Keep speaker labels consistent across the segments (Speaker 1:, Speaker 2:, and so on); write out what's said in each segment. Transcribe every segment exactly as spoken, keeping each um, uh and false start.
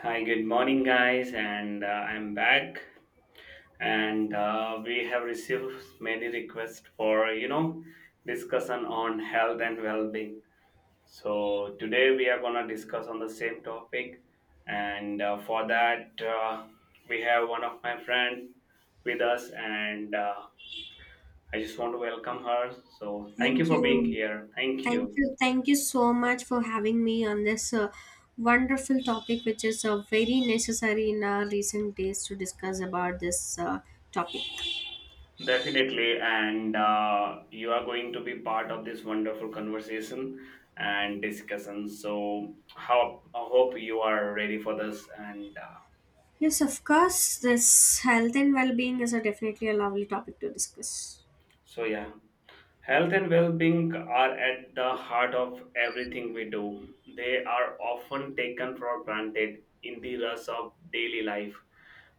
Speaker 1: Hi, good morning, guys, and uh, I'm back. And uh, we have received many requests for you know discussion on health and well-being. So today we are gonna discuss on the same topic, and uh, for that uh, we have one of my friend with us, and uh, I just want to welcome her. So thank you
Speaker 2: Thank
Speaker 1: for being
Speaker 2: you.
Speaker 1: here. Thank
Speaker 2: Thank
Speaker 1: you.
Speaker 2: you. Thank you so much for having me on this uh, wonderful topic, which is uh, very necessary in our recent days to discuss about this uh, topic.
Speaker 1: Definitely, and uh, you are going to be part of this wonderful conversation and discussion. So, how I hope you are ready for this. And uh,
Speaker 2: Yes, of course, this health and well being is a definitely a lovely topic to discuss.
Speaker 1: so, yeah. Health and well being are at the heart of everything we do. They are often taken for granted in the rush of daily life.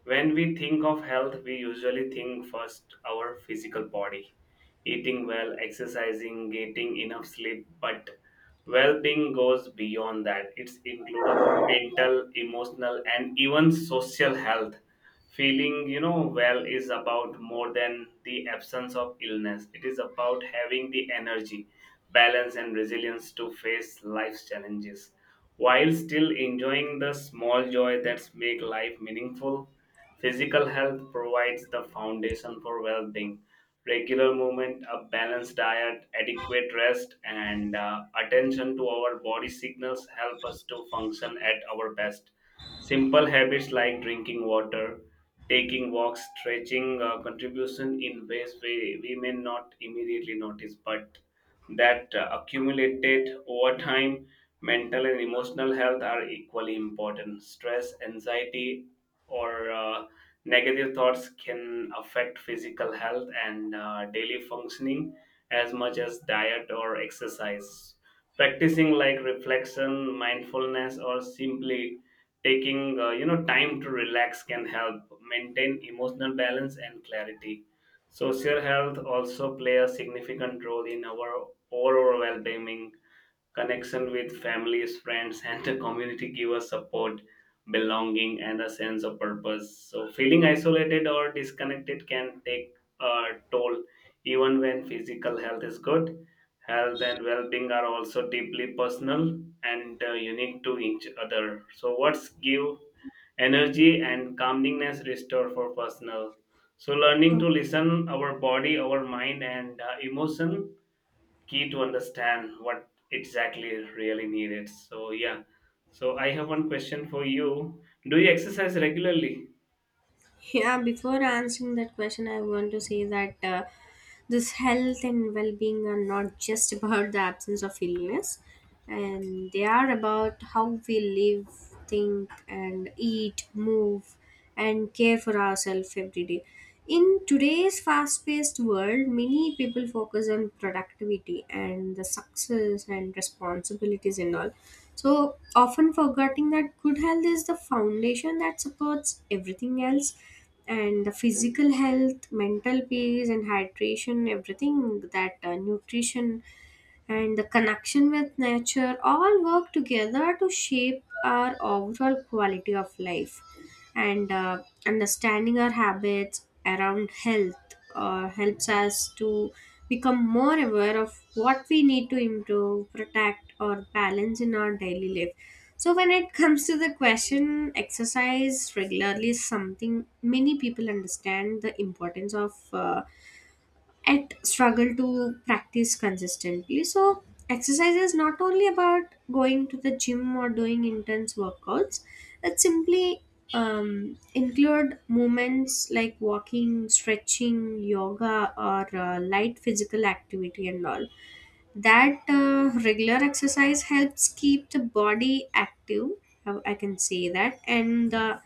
Speaker 1: When we think of health, we usually think first our physical body, eating well, exercising, getting enough sleep, but well-being goes beyond that. It's include our mental, emotional and even social health feeling you know well is about more than the absence of illness. It is about having the energy balance and resilience to face life's challenges while still enjoying the small joy that make life meaningful. Physical health provides the foundation for well-being. Regular movement, a balanced diet, adequate rest and uh, attention to our body signals help us to function at our best. Simple habits like drinking water, taking walks, stretching uh, contribution in ways we, we may not immediately notice, but that uh, accumulated over time, mental and emotional health are equally important. Stress, anxiety, or uh, negative thoughts can affect physical health and uh, daily functioning as much as diet or exercise. Practicing like reflection, mindfulness, or simply taking uh, you know time to relax can help maintain emotional balance and clarity. Social health also play a significant role in our overall well-being. Connection with families, friends and the community give us support, belonging and a sense of purpose. So feeling isolated or disconnected can take a toll even when physical health is good. Health and well-being are also deeply personal and uh, unique to each other. So what's give energy and calmness restore for personal. So learning
Speaker 2: Uh,
Speaker 1: to listen our body, our mind and uh, emotion key to understand what exactly is really needed. So yeah. So I have one question for you. Do you exercise regularly?
Speaker 2: Yeah, before answering that question, I want to say that uh, this health and well being are not just about the absence of illness, and they are about how we live, think, and eat, move, and care for ourselves every day. In today's fast paced world, many people focus on productivity and the success and responsibilities and all. So, often forgetting that good health is the foundation that supports everything else, and the physical health, mental peace, and hydration, everything that uh, nutrition and the connection with nature all work together to shape our overall quality of life and uh, understanding our habits around health uh, helps us to become more aware of what we need to improve protect or balance in our daily life. So when it comes to the question, exercise regularly is something many people understand the importance of uh, at struggle to practice consistently. So, exercise is not only about going to the gym or doing intense workouts, it simply um, include movements like walking, stretching, yoga, or uh, light physical activity and all. That uh, regular exercise helps keep the body active. I I can say that, and the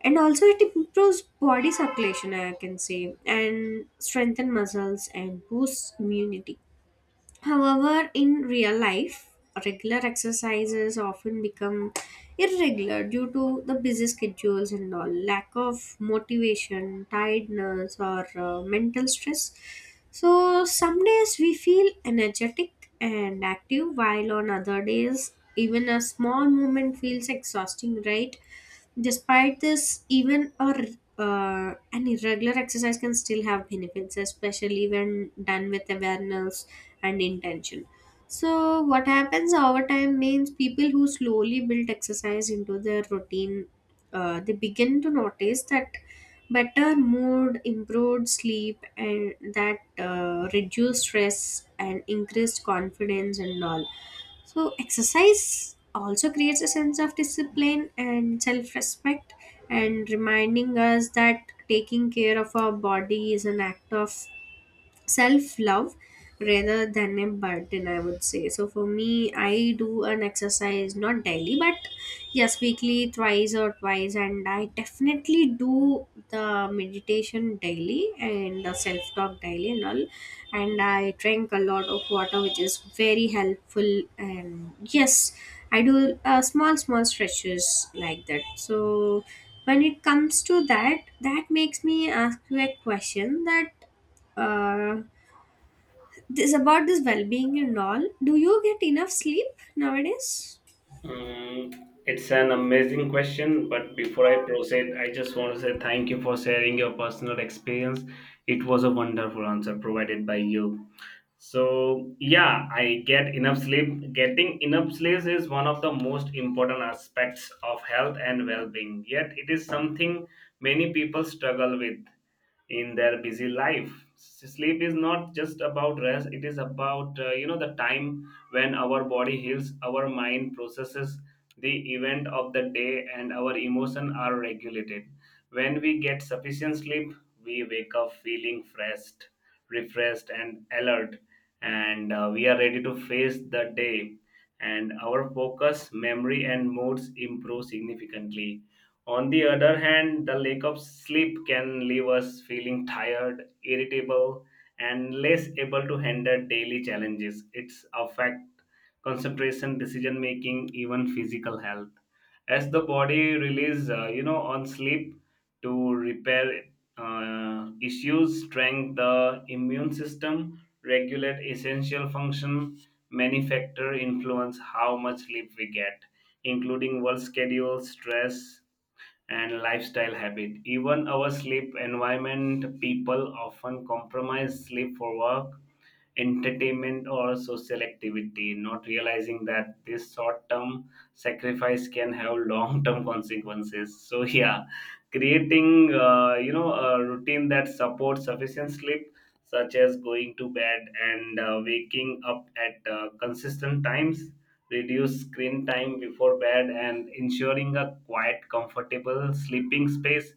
Speaker 2: and also it improves body circulation, I can say, and strengthen muscles and boosts immunity. However, in real life, regular exercises often become irregular due to the busy schedules and all, lack of motivation, tiredness, or uh, mental stress. So some days we feel energetic and active, while on other days even a small movement feels exhausting, right? Despite this, even a r- uh, an irregular exercise can still have benefits, especially when done with awareness and intention. So, what happens over time means people who slowly build exercise into their routine, uh, they begin to notice that better mood, improved sleep, and that uh, reduced stress and increased confidence and all. So, exercise also creates a sense of discipline and self respect, and reminding us that taking care of our body is an act of self love rather than a burden, I would say. So for me, I do an exercise not daily, but yes, weekly thrice or twice, and I definitely do the meditation daily and the self talk daily and all, and I drink a lot of water, which is very helpful. And yes, I do uh, small small stretches like that. So when it comes to that, that makes me ask you a question that uh, this about this well-being and all, do you get enough sleep nowadays?
Speaker 1: Mm, it's an amazing question, but before I proceed, I just want to say thank you for sharing your personal experience. It was a wonderful answer provided by you. So, yeah, I get enough sleep. Getting enough sleep is one of the most important aspects of health and well being, yet, it is something many people struggle with in their busy life. Sleep is not just about rest. It is about uh, you know the time when our body heals, our mind processes the event of the day and our emotion are regulated. When we get sufficient sleep, we wake up feeling fresh, refreshed and alert, and uh, we are ready to face the day, and our focus, memory and moods improve significantly. On the other hand, the lack of sleep can leave us feeling tired, irritable, and less able to handle daily challenges. It's affect concentration, decision making, even physical health. As the body relies, uh, you know, on sleep to repair uh, issues, strengthen the immune system, regulate essential function. Many factor influence how much sleep we get, including work schedule, stress and lifestyle habit. Even our sleep environment, people often compromise sleep for work, entertainment or social activity, not realizing that this short term sacrifice can have long term consequences. So, yeah, creating uh, you know a routine that supports sufficient sleep, such as going to bed and uh, waking up at uh, consistent times, reduce screen time before bed and ensuring a quiet, comfortable sleeping space,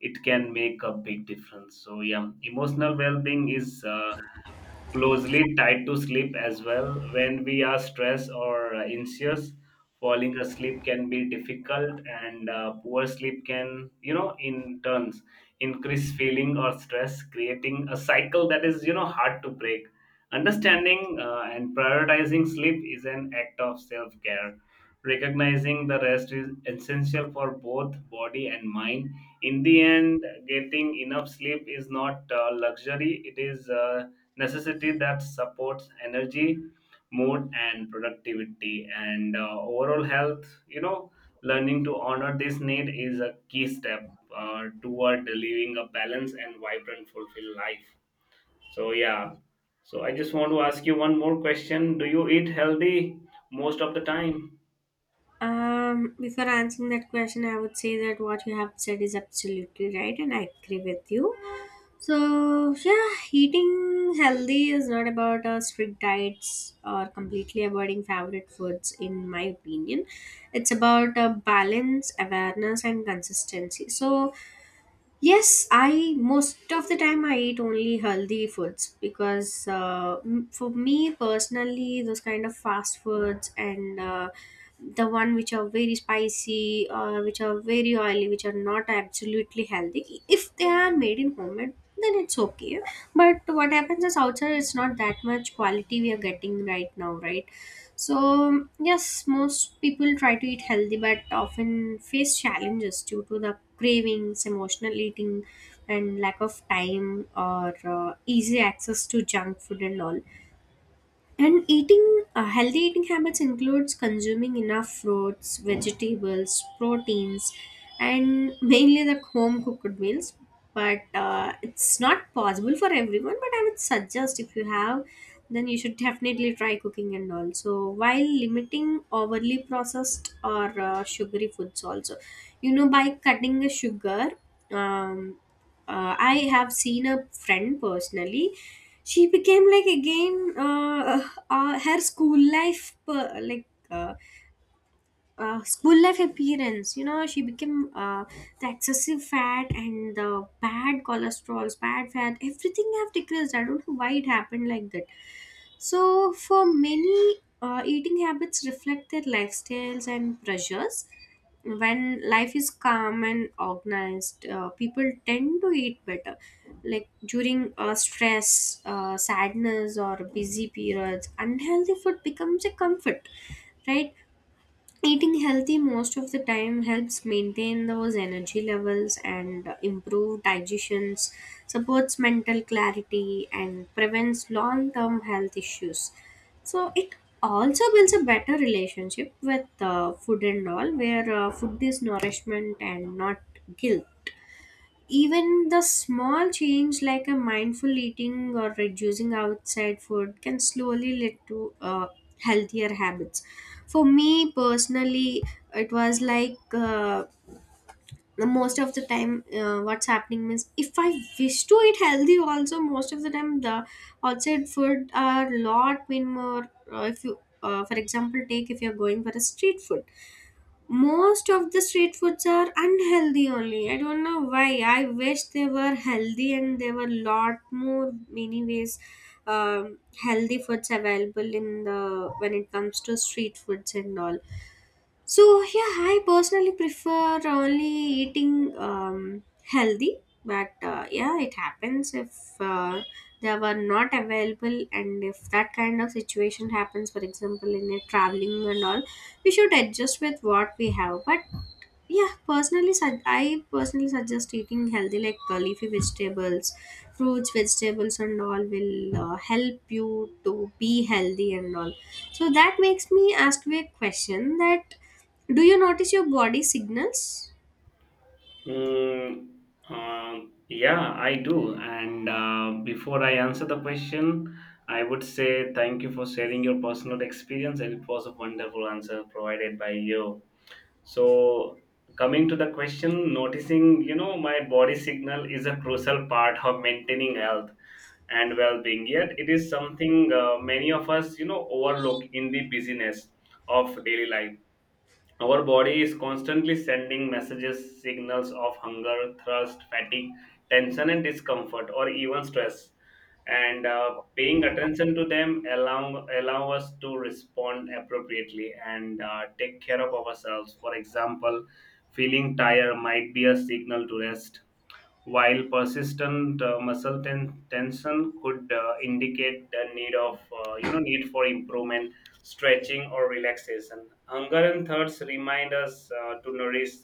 Speaker 1: it can make a big difference. So yeah, emotional well-being is uh, closely tied to sleep as well. When we are stressed or uh, anxious, falling asleep can be difficult, and uh, poor sleep can, you know, in turns increase feeling or stress, creating a cycle that is, you know, hard to break. Understanding uh, and prioritizing sleep is an act of self care. Recognizing the rest is essential for both body and mind. In the end, getting enough sleep is not uh, luxury, it is uh, necessity that supports energy, mood and productivity and uh, overall health. You know, learning to honor this need is a key step uh, toward living a balanced and vibrant fulfilled life. So yeah, so I just want to ask you one more question. Do you eat healthy most of the time?
Speaker 2: Um, before answering that question, I would say that what you have said is absolutely right and I agree with you. So yeah, eating healthy is not about uh, strict diets or completely avoiding favorite foods, in my opinion. It's about uh, balance, awareness, and consistency. So yes, I most of the time I eat only healthy foods, because uh, m- for me personally, those kind of fast foods and uh, the one which are very spicy or which are very oily, which are not absolutely healthy. If they are made in homemade, then it's okay. But what happens is outside, it's not that much quality we are getting right now, right? So, yes, most people try to eat healthy but often face challenges due to the cravings, emotional eating, and lack of time or uh, easy access to junk food and all. And eating uh, healthy eating habits includes consuming enough fruits, vegetables, proteins, and mainly the home cooked meals. But uh, it's not possible for everyone. But I would suggest, if you have, then you should definitely try cooking, and also while limiting overly processed or uh, sugary foods also. You know, by cutting the sugar, um, uh, I have seen a friend personally, she became like again uh, uh, her school life per, like uh, uh, school life appearance, you know. She became uh, the excessive fat and the bad cholesterol, bad fat, everything have decreased. I don't know why it happened like that. So for many, uh, eating habits reflect their lifestyles and pressures. When life is calm and organized, uh, people tend to eat better, like during uh, stress, uh, sadness, or busy periods, unhealthy food becomes a comfort, right? Eating healthy most of the time helps maintain those energy levels and improve digestions, supports mental clarity, and prevents long term health issues. So, it also builds a better relationship with uh, food and all, where uh, food is nourishment and not guilt. Even the small change like a mindful eating or reducing outside food can slowly lead to uh, healthier habits. For me personally, it was like uh, most of the time, uh, what's happening is if I wish to eat healthy also, most of the time the outside food are lot been more. Uh, if you uh, for example, take, if you're going for a street food, most of the street foods are unhealthy only. I don't know why, I wish they were healthy and there were lot more many ways um, healthy foods available in the, when it comes to street foods and all. So yeah, I personally prefer only eating um, healthy, but uh, yeah, it happens if uh, they were not available, and if that kind of situation happens, for example, in a traveling and all, we should adjust with what we have. But yeah, personally sug- i personally suggest eating healthy like uh, leafy vegetables, fruits, vegetables and all will uh, help you to be healthy and all. So that makes me ask you a question that, do you notice your body signals?
Speaker 1: Mm, uh, yeah, I do. And uh, before I answer the question, I would say thank you for sharing your personal experience, and it was a wonderful answer provided by you. So, coming to the question, noticing, you know, my body signal is a crucial part of maintaining health and well-being. Yet, it is something uh, many of us, you know, overlook in the busyness of daily life. Our body is constantly sending messages, signals of hunger, thirst, fatigue, tension, and discomfort, or even stress. And uh, paying attention to them allow allow us to respond appropriately and uh, take care of ourselves. For example, feeling tired might be a signal to rest while persistent uh, muscle ten- tension could uh, indicate the need of uh, you know need for improvement, stretching or relaxation. Hunger and thirst remind us uh, to nourish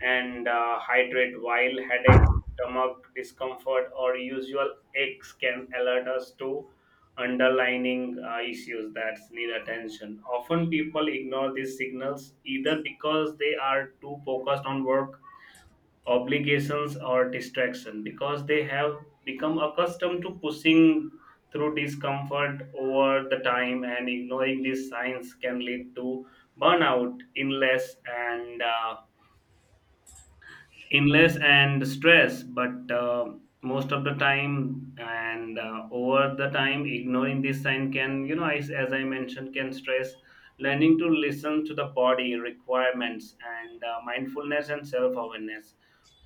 Speaker 1: and uh, hydrate, while headache, stomach discomfort or usual aches can alert us to underlining uh, issues that need attention. Often people ignore these signals either because they are too focused on work obligations or distraction, because they have become accustomed to pushing through discomfort over the time, and ignoring these signs can lead to burnout, illness and uh, illness and stress. But uh, most of the time and uh, over the time, ignoring this sign can, you know as, as I mentioned, can stress. Learning to listen to the body requirements and uh, mindfulness and self awareness,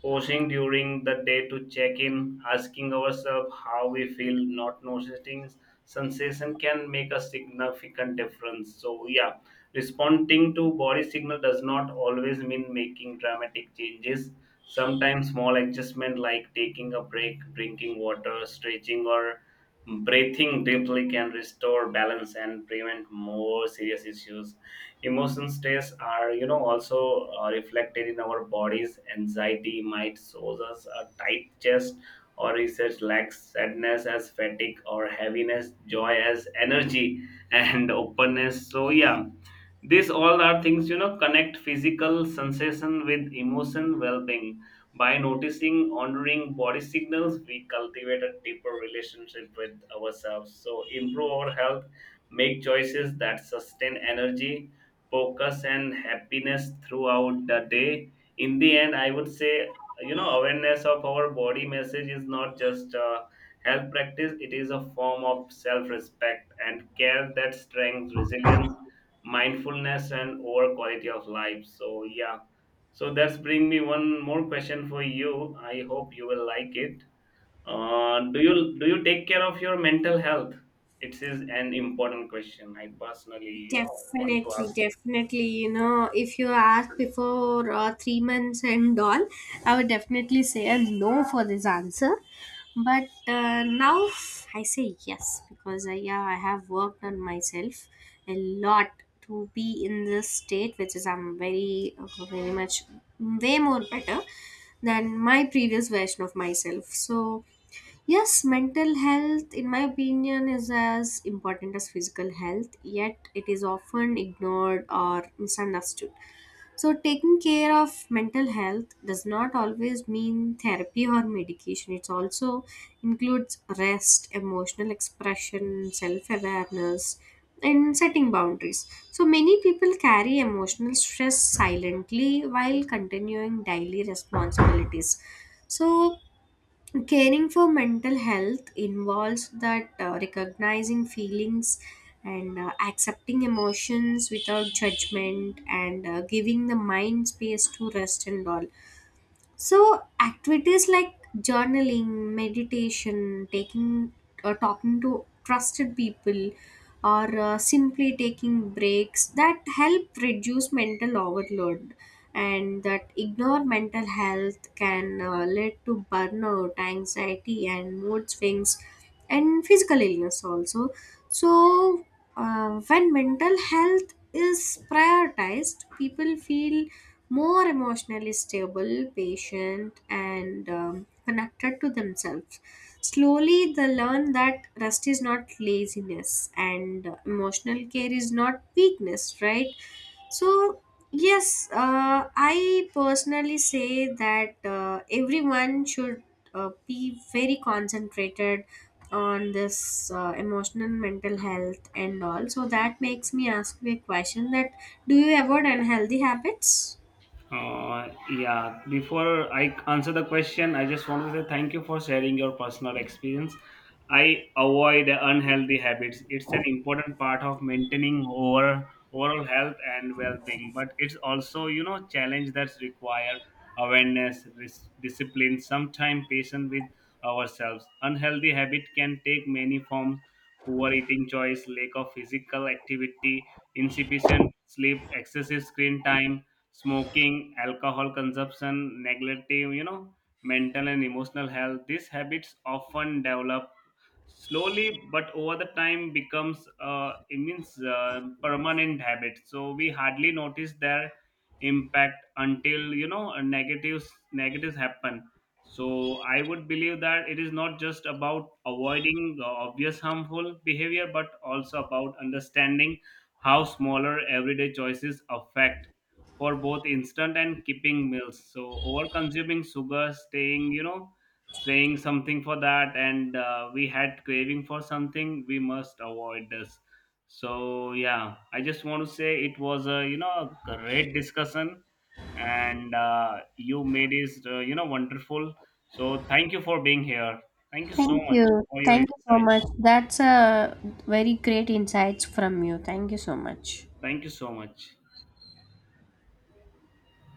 Speaker 1: pausing during the day to check in, asking ourselves how we feel, not noticing sensation can make a significant difference. So yeah, responding to body signal does not always mean making dramatic changes. Sometimes small adjustment like taking a break, drinking water, stretching or breathing deeply can restore balance and prevent more serious issues. Emotion stress are, you know also uh, reflected in our bodies. Anxiety might shows us a tight chest or research lacks, sadness as fatigue or heaviness, joy as energy and openness. So yeah, these all are things, you know, connect physical sensation with emotion well being. By noticing, honoring body signals, we cultivate a deeper relationship with ourselves. So, improve our health, make choices that sustain energy, focus, and happiness throughout the day. In the end, I would say, you know, awareness of our body message is not just a health practice, it is a form of self respect and care that strengthens resilience, mindfulness and over quality of life. So yeah, so that's bring me one more question for you. I hope you will like it. Uh, do you do you take care of your mental health? It is an important question. I personally you know want to
Speaker 2: Definitely,
Speaker 1: ask.
Speaker 2: definitely. You know, if you ask before uh, three months and all, I would definitely say a no for this answer. But uh, now I say yes because I, yeah, I have worked on myself a lot to be in this state, which is I'm very, uh, very much way more better than my previous version of myself. So yes, mental health, in my opinion, is as important as physical health, yet it is often ignored or misunderstood. So, taking care of mental health does not always mean therapy or medication. It also includes rest, emotional expression, self awareness, and setting boundaries. So, many people carry emotional stress silently while continuing daily responsibilities. So, caring for mental health involves that uh, recognizing feelings and uh, accepting emotions without judgment, and uh, giving the mind space to rest and all. So activities like journaling, meditation, taking or talking to trusted people, or uh, simply taking breaks that help reduce mental overload, and that ignore mental health can uh, lead to burnout, anxiety, and mood swings and physical illness also. So uh, when mental health is prioritized, people feel more emotionally stable, patient, and um, connected to themselves. Slowly, they learn that rest is not laziness and uh, emotional care is not weakness, right? So, yes, uh, I personally say that uh, everyone should uh, be very concentrated on this uh, emotional mental health and all. So, that makes me ask you a question that, do you avoid unhealthy habits?
Speaker 1: Uh, yeah, before I answer the question, I just want to say thank you for sharing your personal experience. I avoid unhealthy habits. It's an important part of maintaining over overall health and well-being, but it's also, you know, challenge that require awareness, ris- discipline, sometimes patience with ourselves. Unhealthy habit can take many forms: poor eating choice, lack of physical activity, insufficient sleep, excessive screen time, smoking, alcohol consumption, neglective, you know, mental and emotional health. These habits often develop slowly, but over the time becomes uh, it means uh, permanent habit. So we hardly notice their impact until you know uh, negatives negatives happen. So I would believe that it is not just about avoiding uh, obvious harmful behavior, but also about understanding how smaller everyday choices affect for both instant and keeping meals. So over consuming sugar, staying, you know, saying something for that, and uh, we had craving for something, we must avoid this. So yeah, I just want to say it was a you know a great discussion, and uh, you made it uh, you know wonderful. So thank you for being here. Thank you so
Speaker 2: Thank
Speaker 1: much
Speaker 2: you.
Speaker 1: for your
Speaker 2: Thank you so
Speaker 1: insight.
Speaker 2: much. That's a very great insights from you. Thank you so much.
Speaker 1: Thank you so much.